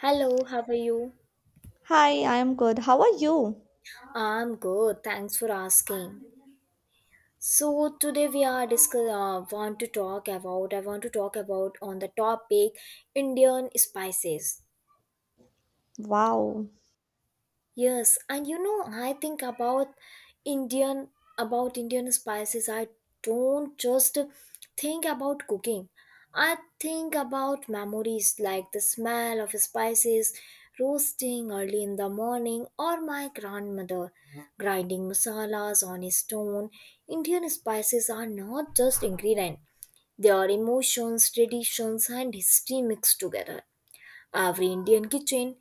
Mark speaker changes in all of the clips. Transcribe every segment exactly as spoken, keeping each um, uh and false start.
Speaker 1: Hello, how are you?
Speaker 2: Hi, I am good. How are you?
Speaker 1: I'm good. Thanks for asking. So today we are discuss uh, want to talk about I want to talk about on the topic Indian spices.
Speaker 2: Wow.
Speaker 1: Yes, and you know, I think about Indian about Indian spices. I don't just think about cooking. I think about memories like the smell of spices roasting early in the morning or my grandmother grinding masalas on a stone. Indian spices are not just ingredients. They are emotions, traditions and history mixed together. Every Indian kitchen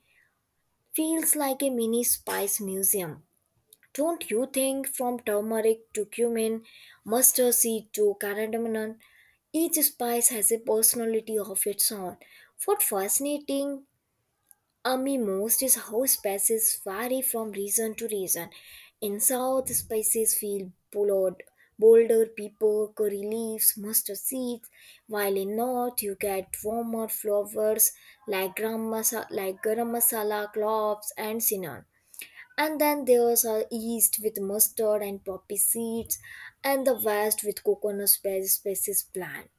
Speaker 1: feels like a mini spice museum, don't you think? From turmeric to cumin, mustard seed to cardamom, each spice has a personality of its own. What fascinating uh, me most is how spices vary from region to region. In South, spices feel bold, bolder, pepper, curry leaves, mustard seeds, while in North, you get warmer flavors like garam masala, like garam masala, cloves, and cinnamon. And then there's our east with mustard and poppy seeds, and the west with coconut spe- species plant.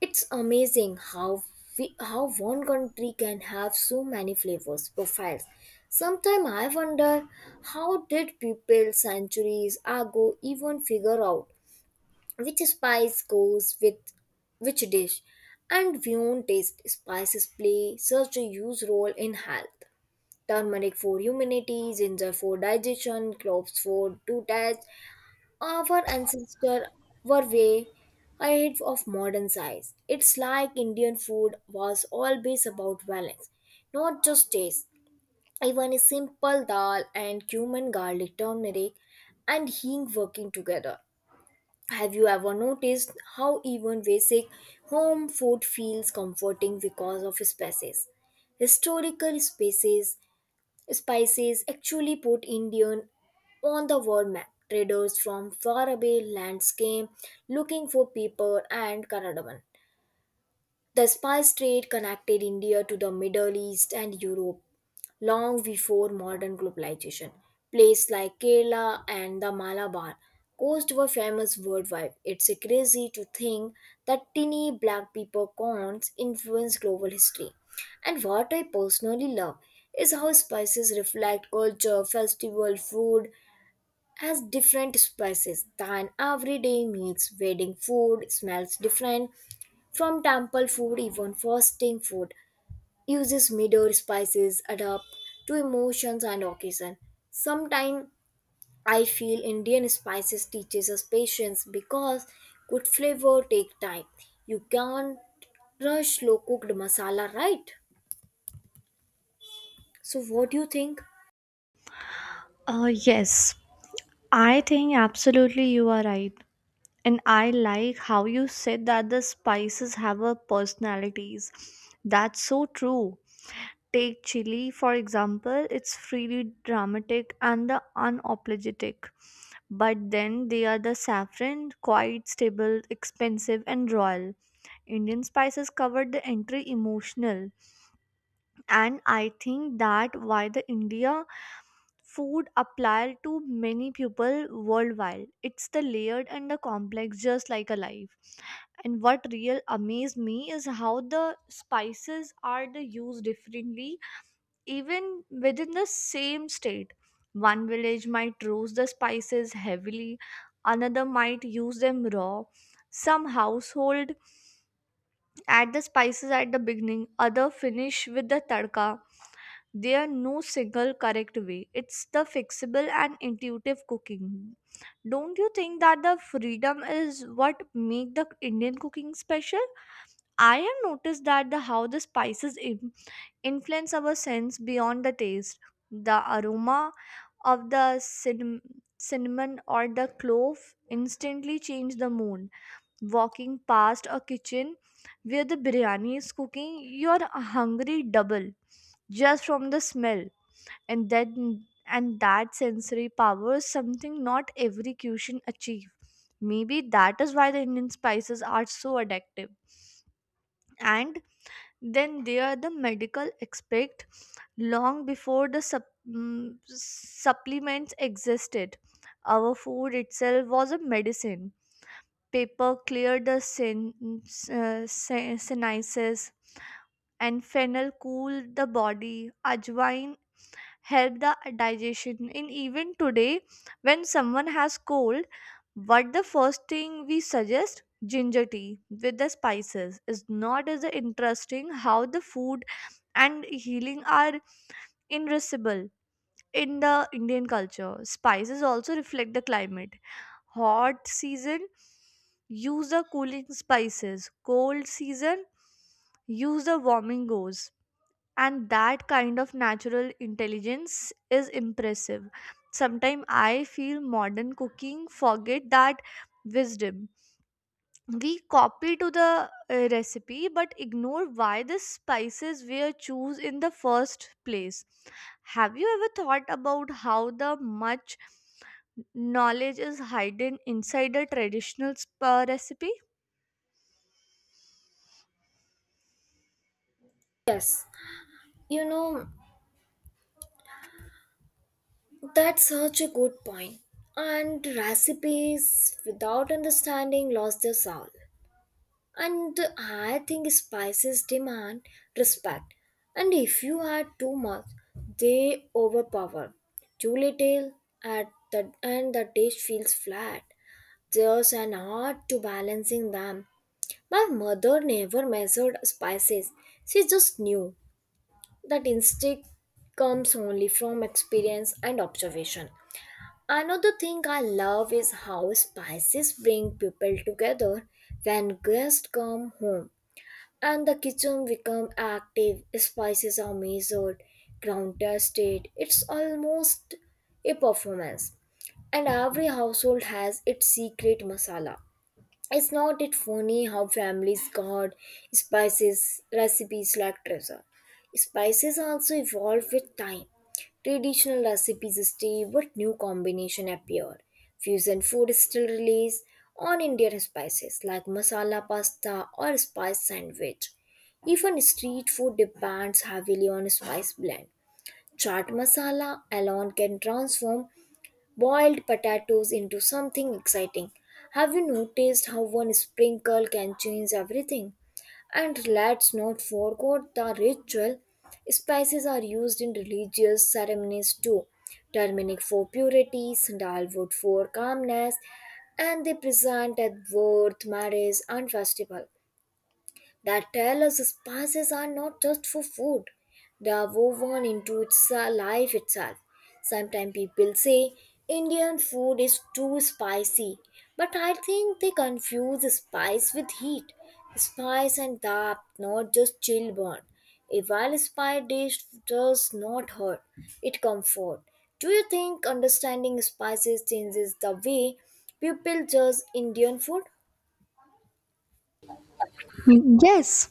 Speaker 1: It's amazing how we, how one country can have so many flavors profiles. Sometimes I wonder how did people centuries ago even figure out which spice goes with which dish. And beyond taste, spices play such a huge role in health: turmeric for immunity, ginger for digestion, cloves for to taste. Our ancestors were way ahead of modern science. It's like Indian food was always about balance, not just taste. Even a simple dal and cumin, garlic, turmeric, and hing working together. Have you ever noticed how even basic home food feels comforting because of spices? Historical spaces. Spices actually put Indian on the world map. Traders from far away lands came looking for pepper and cardamom. The spice trade connected India to the Middle East and Europe long before modern globalization. Places like Kerala and the Malabar coast were famous worldwide. It's crazy to think that tiny black pepper peppercorns influenced global history. And what I personally love is how spices reflect culture, festival, food, as different spices than everyday meals. Wedding food smells different from temple food, even fasting food uses middle spices adapt to emotions and occasion. Sometimes I feel Indian spices teaches us patience because good flavor take time. You can't rush slow cooked masala, right? So what do you think?
Speaker 2: Uh, yes, I think absolutely you are right. And I like how you said that the spices have a personalities. That's so true. Take chili, for example, it's freely dramatic and the unapologetic. But then they are the saffron, quite stable, expensive, and royal. Indian spices covered the entry emotional. And I think that why the India food applied to many people worldwide. It's the layered and the complex, just like a life. And what real amazed me is how the spices are the used differently, even within the same state. One village might roast the spices heavily, another might use them raw. Some household add the spices at the beginning, other finish with the tadka. There are no single correct way. It's the fixable and intuitive cooking. Don't you think that the freedom is what make the Indian cooking special? I have noticed that the how the spices in- influence our sense beyond the taste. The aroma of the cinnamon, cinnamon or the clove instantly change the mood. Walking past a kitchen where the biryani is cooking, you're hungry double just from the smell. And then and that sensory power is something not every cuisine achieve. Maybe that is why the Indian spices are so addictive. And then there are the medical aspect. Long before the sup- mm, supplements existed, our food itself was a medicine. Paper cleared the sin- uh, sin- sinuses, and fennel cooled the body. Ajwain help the digestion in even today. When someone has cold, what the first thing we suggest? Ginger tea with the spices. Is not as interesting how the food and healing are irreversible in the Indian culture. Spices also reflect the climate. Hot season use the cooling spices, cold season use the warming goes. And that kind of natural intelligence is impressive. Sometimes I feel modern cooking forget that wisdom. We copy to the uh, recipe, but ignore why the spices were choose in the first place. Have you ever thought about how the much knowledge is hidden inside a traditional sp- uh, recipe?
Speaker 1: Yes, you know, that's such a good point. And recipes without understanding lost their soul. And I think spices demand respect. And if you add too much, they overpower. Too little at the and the dish feels flat. There's an art to balancing them. My mother never measured spices. She just knew that instinct comes only from experience and observation. Another thing I love is how spices bring people together when guests come home and the kitchen become active, spices are measured, ground, tested. It's almost a performance, and every household has its secret masala. Is not it funny how families guard spices recipes like treasure? Spices also evolve with time. Traditional recipes stay, but new combination appear. Fusion food is still released on Indian spices like masala pasta or spice sandwich. Even street food depends heavily on spice blend. Chaat masala alone can transform boiled potatoes into something exciting. Have you noticed how one sprinkle can change everything? And let's not forget the ritual. Spices are used in religious ceremonies too. Turmeric for purity, sandalwood for calmness, and they present at birth, marriage, and festival that tell us spices are not just for food, they are woven into its uh, life itself. Sometimes people say Indian food is too spicy, but I think they confuse spice with heat. Spice and depth, not just chill burn. A well spiced dish does not hurt, it comforts. Do you think understanding spices changes the way people judge Indian food?
Speaker 2: Mm, yes,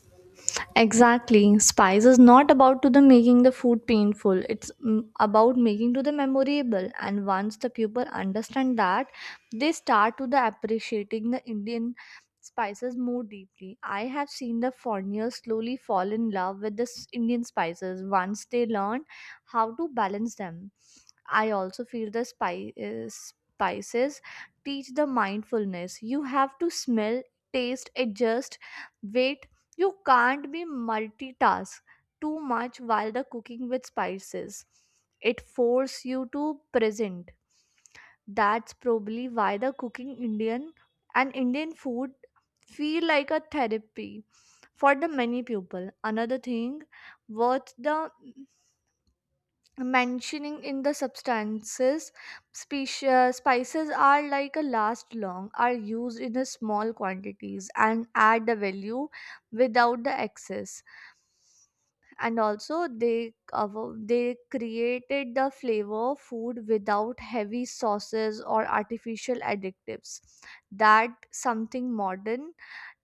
Speaker 2: exactly. Spice is not about to the making the food painful. It's mm, about making to the memorable. And once the people understand that, they start to the appreciating the Indian spices more deeply. I have seen the foreigners slowly fall in love with the s- Indian spices once they learn how to balance them. I also feel the spi- uh, spices teach the mindfulness. You have to smell, taste, adjust, wait. You can't be multitask too much while the cooking with spices. It force you to present. That's probably why the cooking Indian and Indian food feel like a therapy for the many people. Another thing worth the mentioning in the substances, speci- uh, spices are like a last long, are used in a small quantities and add the value without the excess. And also they cover- they created the flavor of food without heavy sauces or artificial additives. That something modern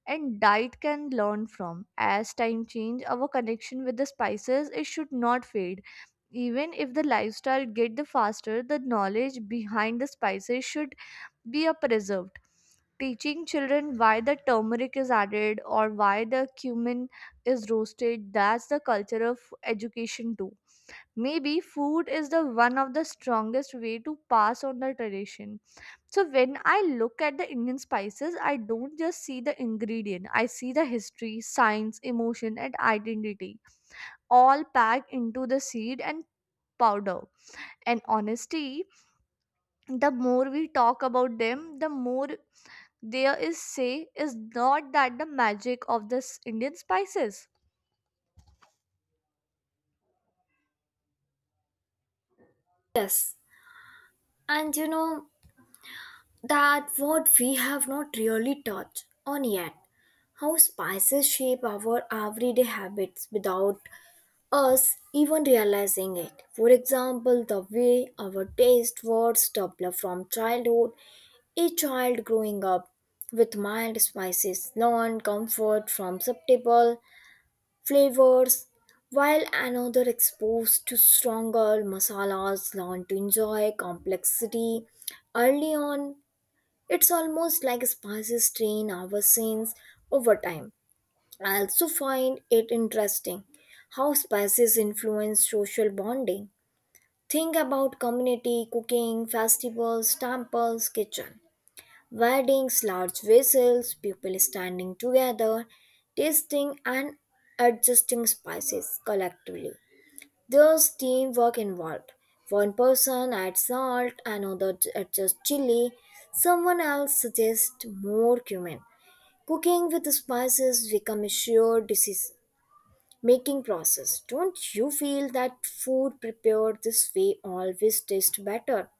Speaker 2: and diet can learn from. As time change, our connection with the spices it should not fade. Even if the lifestyle get the faster, the knowledge behind the spices should be a preserved. Teaching children why the turmeric is added or why the cumin is roasted, that's the culture of education too. Maybe food is the one of the strongest way to pass on the tradition. So when I look at the Indian spices, I don't just see the ingredient. I see the history, science, emotion, and identity all packed into the seed and powder. And honesty, the more we talk about them, the more there is say. Is not that the magic of this Indian spices.
Speaker 1: Yes, and you know, that what we have not really touched on yet: how spices shape our everyday habits without us even realizing it. For example, the way our taste words develop from childhood, a child growing up with mild spices learn comfort from subtle flavors, while another exposed to stronger masalas learn to enjoy complexity early on. It's almost like spices train our sense over time. I also find it interesting how spices influence social bonding. Think about community cooking, festivals, temples, kitchen, weddings, large vessels, people standing together, tasting and adjusting spices collectively. There's teamwork involved. One person adds salt, another j- adjusts chili, someone else suggests more cumin. Cooking with spices becomes a shared decision making process. Don't you feel that food prepared this way always tastes better?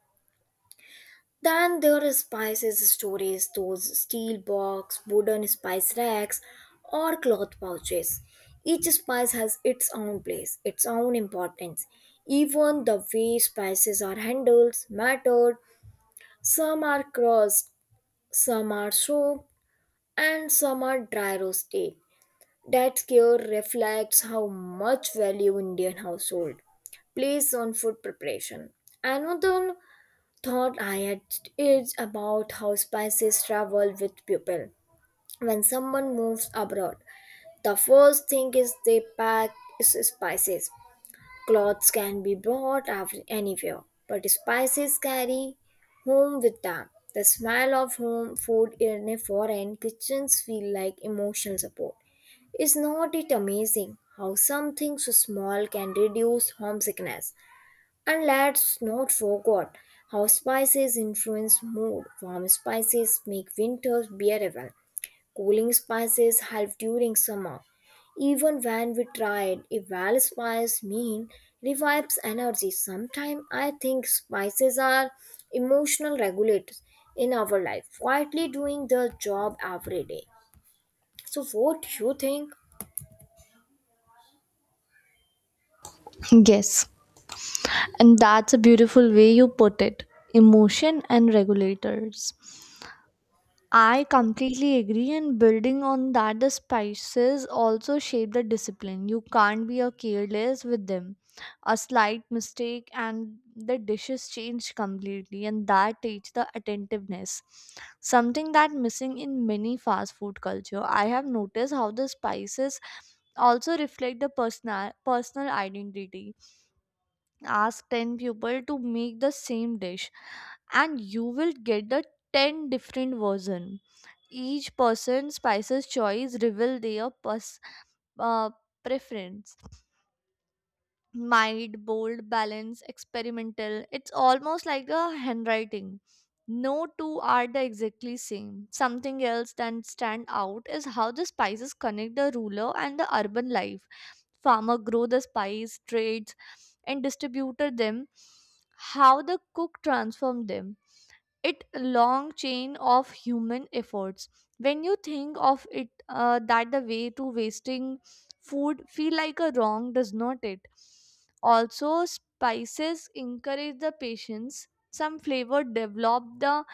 Speaker 1: Then there are spices storage, those steel box, wooden spice racks, or cloth pouches. Each spice has its own place, its own importance. Even the way spices are handled mattered. Some are crushed, some are soaked, and some are dry roasted. That care reflects how much value Indian household place on food preparation. Another thought I had is about how spices travel with people. When someone moves abroad, the first thing is they pack is spices. Clothes can be brought av- anywhere, but spices carry home with them. The smell of home food in a foreign kitchens feel like emotional support. Is not it amazing how something so small can reduce homesickness? And let's not forget how spices influence mood. Warm spices make winters bearable. Cooling spices help during summer. Even when we tried, a well spiced meal revives energy. Sometimes I think spices are emotional regulators in our life, quietly doing their job every day. So, what do you think?
Speaker 2: Yes, and that's a beautiful way you put it. Emotion and regulators. I completely agree, and building on that, the spices also shape the discipline. You can't be a careless with them. A slight mistake, and the dishes change completely, and that teach the attentiveness. Something that missing in many fast food culture. I have noticed how the spices also reflect the personal personal identity. Ask ten people to make the same dish, and you will get the ten different version. Each person's spices choice reveal their pers- uh, preference: mild, bold, balanced, experimental. It's almost like a handwriting. No two are the exactly same. Something else that stand out is how the spices connect the ruler and the urban life. Farmer grow the spice, trades and distributed them, how the cook transform them. It long chain of human efforts. When you think of it, uh, that the way to wasting food feel like a wrong, does not it? Also spices encourage the patience. Some flavor develop the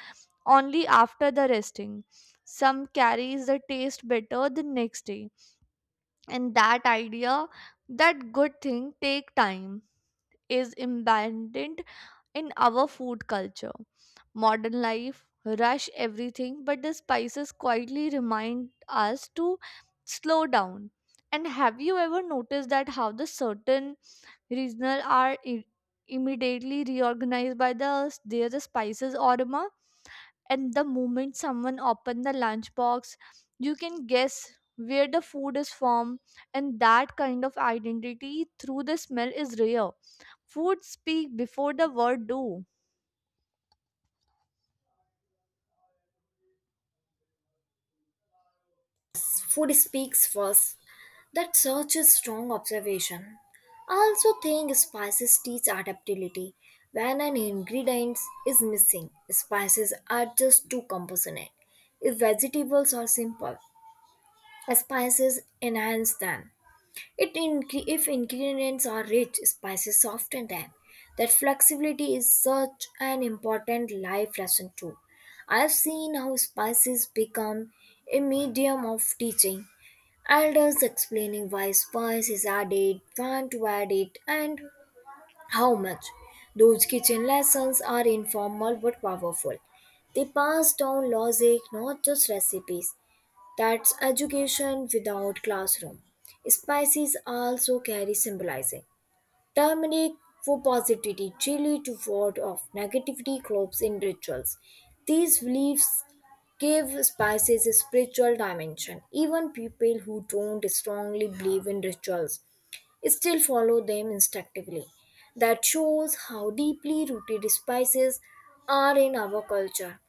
Speaker 2: only after the resting. Some carries the taste better the next day. And that idea that good thing take time is abandoned in our food culture. Modern life rush everything, but the spices quietly remind us to slow down. And have you ever noticed that how the certain regional are i- immediately reorganized by the their spices aroma? And the moment someone open the lunchbox, you can guess where the food is from, and that kind of identity through the smell is rare. Food speak before the word do.
Speaker 1: Food speaks first. That's such a strong observation. I also think spices teach adaptability. When an ingredient is missing, spices are just too composite. If vegetables are simple, spices enhance them. It incre- if ingredients are rich, spices soften them. That flexibility is such an important life lesson too. I've seen how spices become a medium of teaching. Elders explaining why spice is added, when to add it, and how much. Those kitchen lessons are informal but powerful. They pass down logic, not just recipes. That's education without classroom. Spices also carry symbolizing. Turmeric for positivity, chili to ward off negativity, cloves in rituals. These beliefs give spices a spiritual dimension. Even people who don't strongly believe in rituals still follow them instinctively. That shows how deeply rooted spices are in our culture.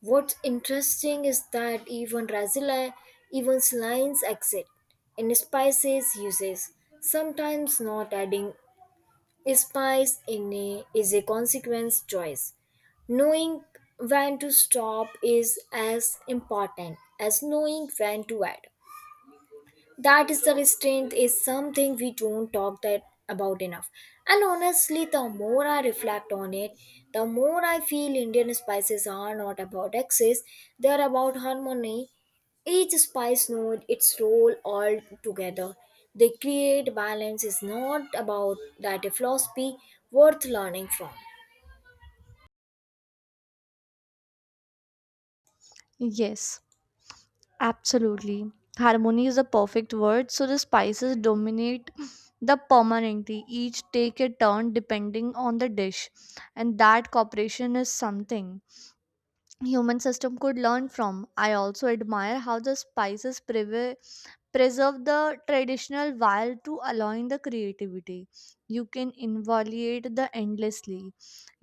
Speaker 1: What's interesting is that even Brazil, even slimes exit in spices uses. Sometimes not adding spice in a, is a consequence choice. Knowing when to stop is as important as knowing when to add. That is the restraint is something we don't talk that about enough. And honestly, the more I reflect on it, the more I feel Indian spices are not about excess, they are about harmony. Each spice knows its role, all together they create balance. Is not about that a philosophy worth learning from?
Speaker 2: Yes, absolutely. Harmony is the perfect word, so the spices dominate the permanently. Each take a turn depending on the dish, and that cooperation is something human system could learn from. I also admire how the spices prevail preserve the traditional while to allowing the creativity. You can invalidate the endlessly,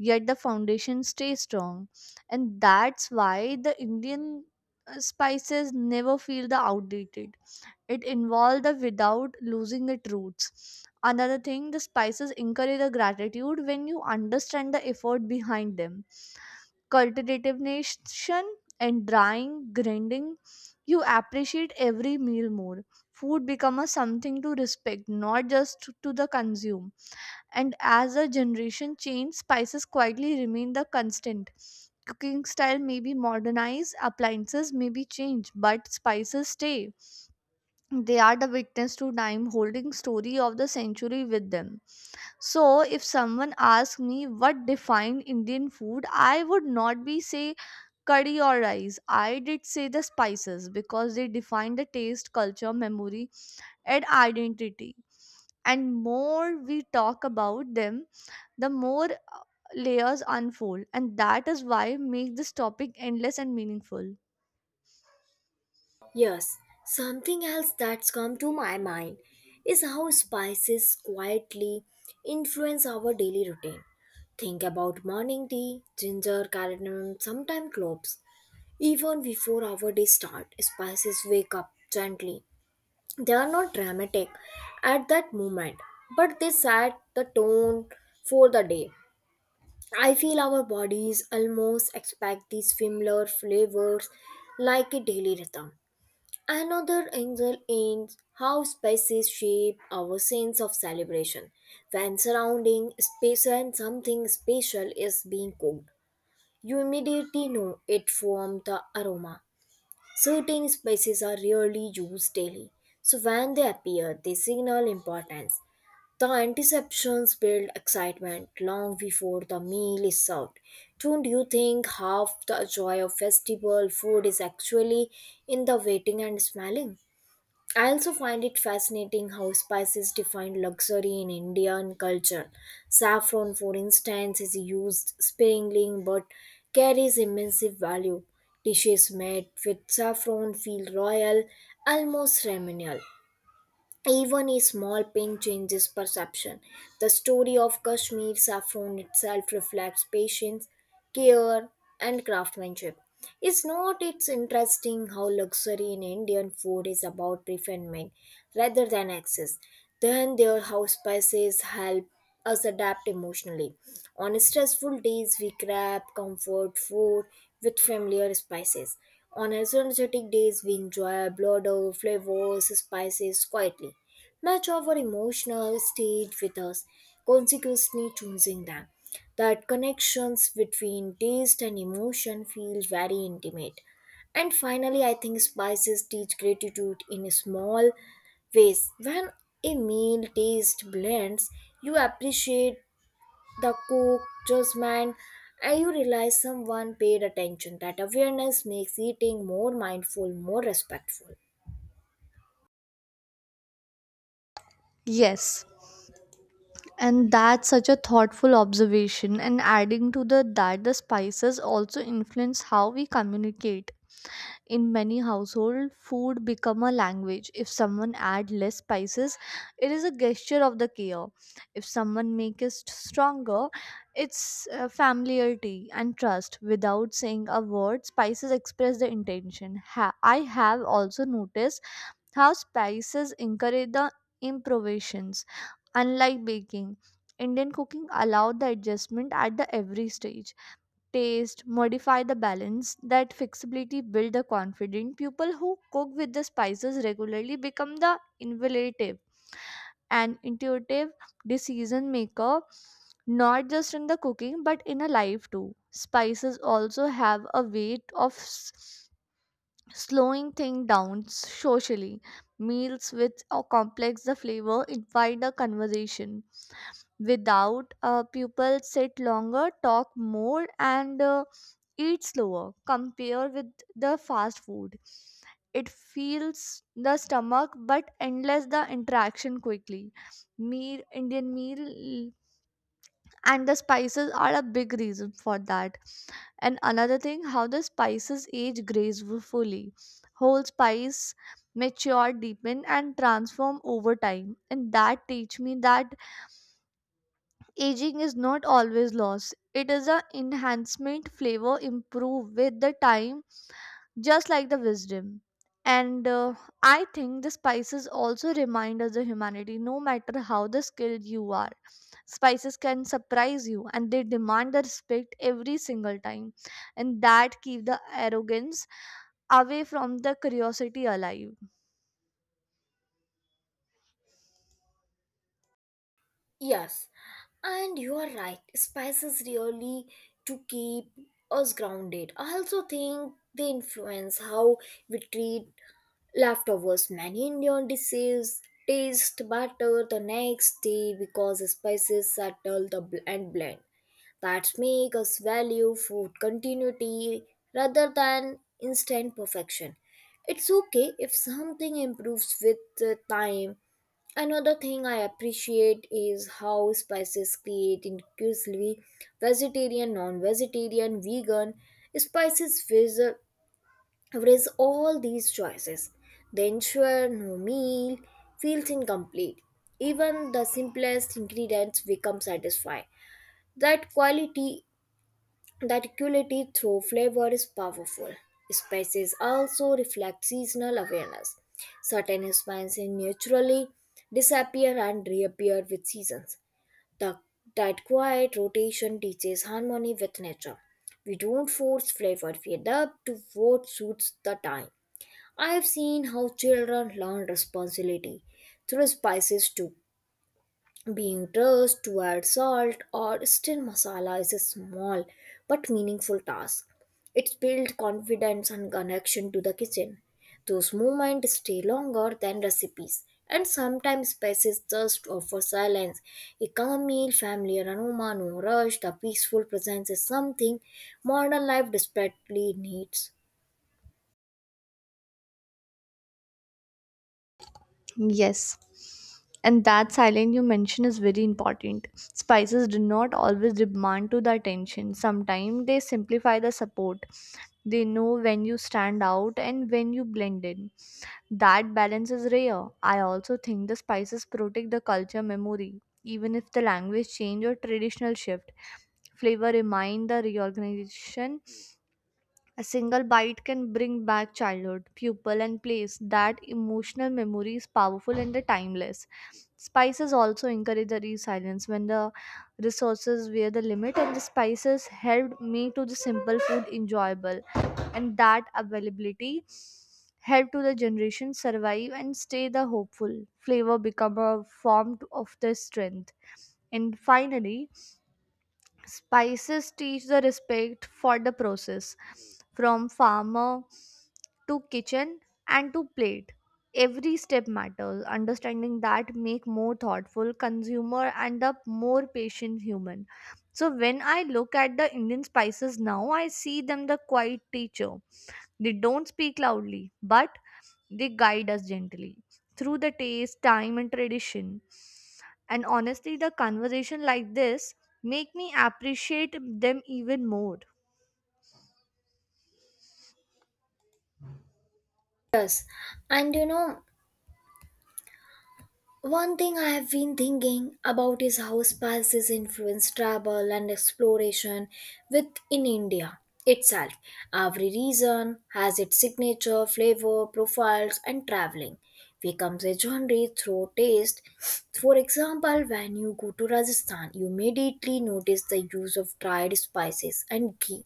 Speaker 2: yet the foundation stays strong. And that's why the Indian uh, spices never feel the outdated. It involved the without losing its roots. Another thing, the spices encourage the gratitude when you understand the effort behind them. Cultivation and drying, grinding, you appreciate every meal more. Food becomes something to respect, not just to the consume. And as the generation change, spices quietly remain the constant. Cooking style may be modernized, appliances may be changed, but spices stay. They are the witness to time, holding story of the century with them. So if someone asks me what defined Indian food, I would not be say curry or rice. I did say the spices because they define the taste, culture, memory, and identity. And more we talk about them, the more uh, layers unfold, and that is why make this topic endless and meaningful.
Speaker 1: Yes, something else that's come to my mind is how spices quietly influence our daily routine. Think about morning tea, ginger, cardamom, sometimes cloves. Even before our day start, spices wake up gently. They are not dramatic at that moment, but they set the tone for the day. I feel our bodies almost expect these familiar flavors like a daily rhythm. Another angle is how spaces shape our sense of celebration. When surrounding space and something special is being cooked, you immediately know it from the aroma. Certain spices are rarely used daily, so when they appear, they signal importance. The anticipations build excitement long before the meal is served. Don't you think half the joy of festival food is actually in the waiting and smelling? I also find it fascinating how spices define luxury in Indian culture. Saffron, for instance, is used sparingly but carries immense value. Dishes made with saffron feel royal, almost ceremonial. Even a small pin changes perception. The story of Kashmir saffron itself reflects patience, care, and craftsmanship. It's not It's interesting how luxury in Indian food is about refinement rather than excess. Then their house spices help us adapt emotionally. On stressful days, we grab comfort food with familiar spices. On energetic days, we enjoy a blend of flavors, spices quietly. Match our emotional state with us, consequently choosing them. That connections between taste and emotion feel very intimate. And finally, I think spices teach gratitude in small ways. When a meal taste blends, you appreciate the cook, judgment, and you realize someone paid attention. That awareness makes eating more mindful, more respectful.
Speaker 2: Yes. And that's such a thoughtful observation. And adding to the that the spices also influence how we communicate. In many household food become a language. If someone add less spices, it is a gesture of the care. If someone make it stronger, it's uh, familiarity and trust. Without saying a word, spices express the intention. Ha- I have also noticed how spices encourage the improvisations. Unlike baking, Indian cooking allowed the adjustment at the every stage. Taste, modify the balance, that flexibility build the confident. People who cook with the spices regularly become the innovative and intuitive decision maker, not just in the cooking but in a life too. Spices also have a weight of s- slowing things down socially. Meals which are complex the flavor invite a conversation. Without, uh, people sit longer, talk more, and uh, eat slower. Compare with the fast food. It feels the stomach, but endless the interaction quickly. Meal, Indian meal, and the spices are a big reason for that. And another thing, how the spices age gracefully. Whole spice mature, deepen, and transform over time. And that teach me that aging is not always loss. It is a enhancement flavor improve with the time, just like the wisdom. And uh, I think the spices also remind us of humanity, no matter how the skilled you are. Spices can surprise you and they demand the respect every single time. And that keep the arrogance away from the curiosity alive.
Speaker 1: Yes, and you are right. Spices really to keep us grounded. I also think they influence how we treat leftovers. Many Indian dishes taste better the next day because spices settle the bl- and blend. That make us value food continuity rather than instant perfection. It's okay if something improves with the time. Another thing I appreciate is how spices create inclusively vegetarian, non vegetarian, vegan. Spices raise raise all these choices. They ensure no meal feels incomplete. Even the simplest ingredients become satisfying. That quality the equality through flavor is powerful. Spices also reflect seasonal awareness. Certain spices naturally disappear and reappear with seasons. The, that quiet rotation teaches harmony with nature. We don't force flavor, we adapt to what suits the time. I have seen how children learn responsibility through spices too, being dressed to add salt or stir masala is a small but meaningful task. It builds confidence and connection to the kitchen. Those moments stay longer than recipes, and sometimes spaces just offer silence. A calm meal, familiar aroma, no rush, the peaceful presence is something modern life desperately needs.
Speaker 2: Yes. And that silence you mention is very important. Spices do not always demand to the attention. Sometimes they simplify the support. They know when you stand out and when you blend in. That balance is rare. I also think the spices protect the culture memory. Even if the language change or traditional shift, flavor remind the reorganization. A single bite can bring back childhood, pupil, and place. That emotional memory is powerful and the timeless. Spices also encourage the resilience when the resources were the limit, and the spices helped make to the simple food enjoyable. And that availability help to the generation survive and stay the hopeful. Flavor become a form to- of the strength. And finally, spices teach the respect for the process, from farmer to kitchen and to plate. Every step matters. Understanding that make more thoughtful consumer and a more patient human. So when I look at the Indian spices now, I see them the quiet teacher. They don't speak loudly, but they guide us gently through the taste, time, and tradition. And honestly, the conversation like this make me appreciate them even more.
Speaker 1: And you know, One thing I have been thinking about is how spices influence travel and exploration within India itself. Every region has its signature flavor profiles, and traveling becomes a genre through taste. For example, when you go to Rajasthan, you immediately notice the use of dried spices and ghee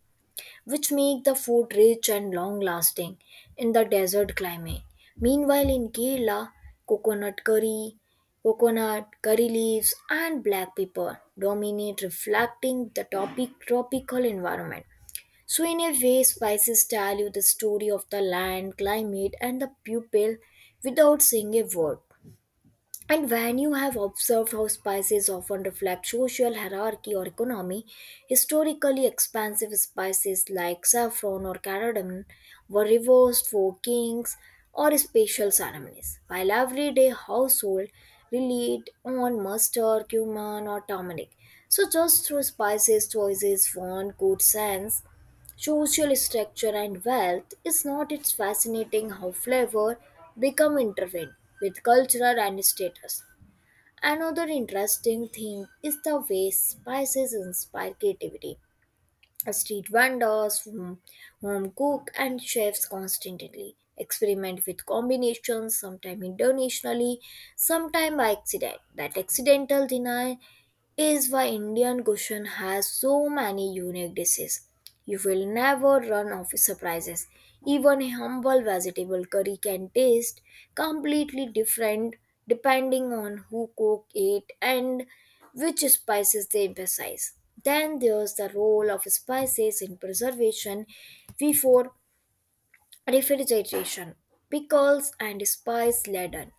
Speaker 1: which make the food rich and long lasting in the desert climate. Meanwhile, in Kerala, coconut curry, coconut, curry leaves, and black pepper dominate, reflecting the topic, tropical environment. So, in a way, spices tell you the story of the land, climate, and the people without saying a word. And when you have observed how spices often reflect social hierarchy or economy, historically expensive spices like saffron or cardamom were reversed for kings or special ceremonies, while everyday household relied on mustard, cumin, or turmeric. So, just through spices choices, one could sense social structure and wealth. Is not it's fascinating how flavor become intertwined with culture and status? Another interesting thing is the way spices inspire creativity. Street vendors, home, home cook and chefs constantly experiment with combinations, sometimes intentionally, sometimes by accident. That accidental deny is why Indian cuisine has so many unique dishes. You will never run out of surprises. Even a humble vegetable curry can taste completely different depending on who cook it and which spices they emphasize. Then there's the role of spices in preservation before refrigeration. Pickles and spice laden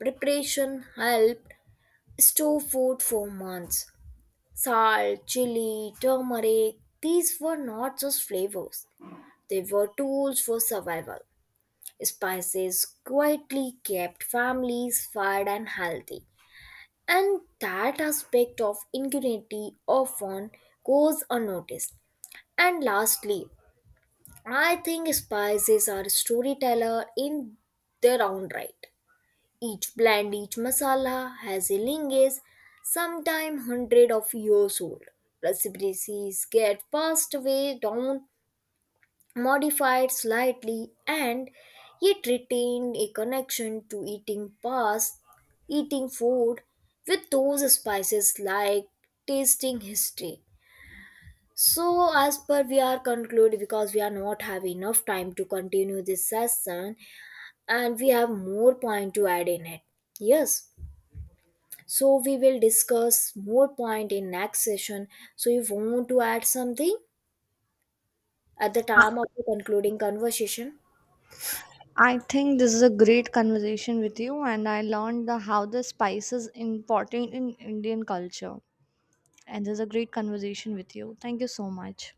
Speaker 1: preparation helped store food for months. Salt, chili, turmeric, these were not just flavors, they were tools for survival. Spices quietly kept families fed and healthy. And that aspect of ingenuity often goes unnoticed. And lastly, I think spices are storyteller in their own right. Each blend, each masala has a lineage, sometime hundred of years old. Recipes get passed away down, modified slightly, and yet retain a connection to eating past, eating food with those spices like tasting history. So, as per we are concluded because we are not have enough time to continue this session, and we have more point to add in it. Yes. So we will discuss more point in next session. So you want to add something at the
Speaker 2: I
Speaker 1: time of the concluding conversation?
Speaker 2: I think this is a great conversation with you, and I learned the, how the spice is important in Indian culture. And this is a great conversation with you. Thank you so much.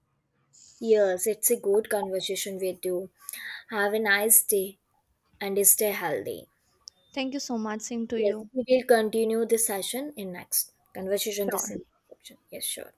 Speaker 1: Yes, it's a good conversation with you. Have a nice day and stay healthy.
Speaker 2: Thank you so much. Same to
Speaker 1: Yes,
Speaker 2: you.
Speaker 1: we will continue this session in next conversation. This
Speaker 2: Sure.
Speaker 1: in- section. Yes, sure.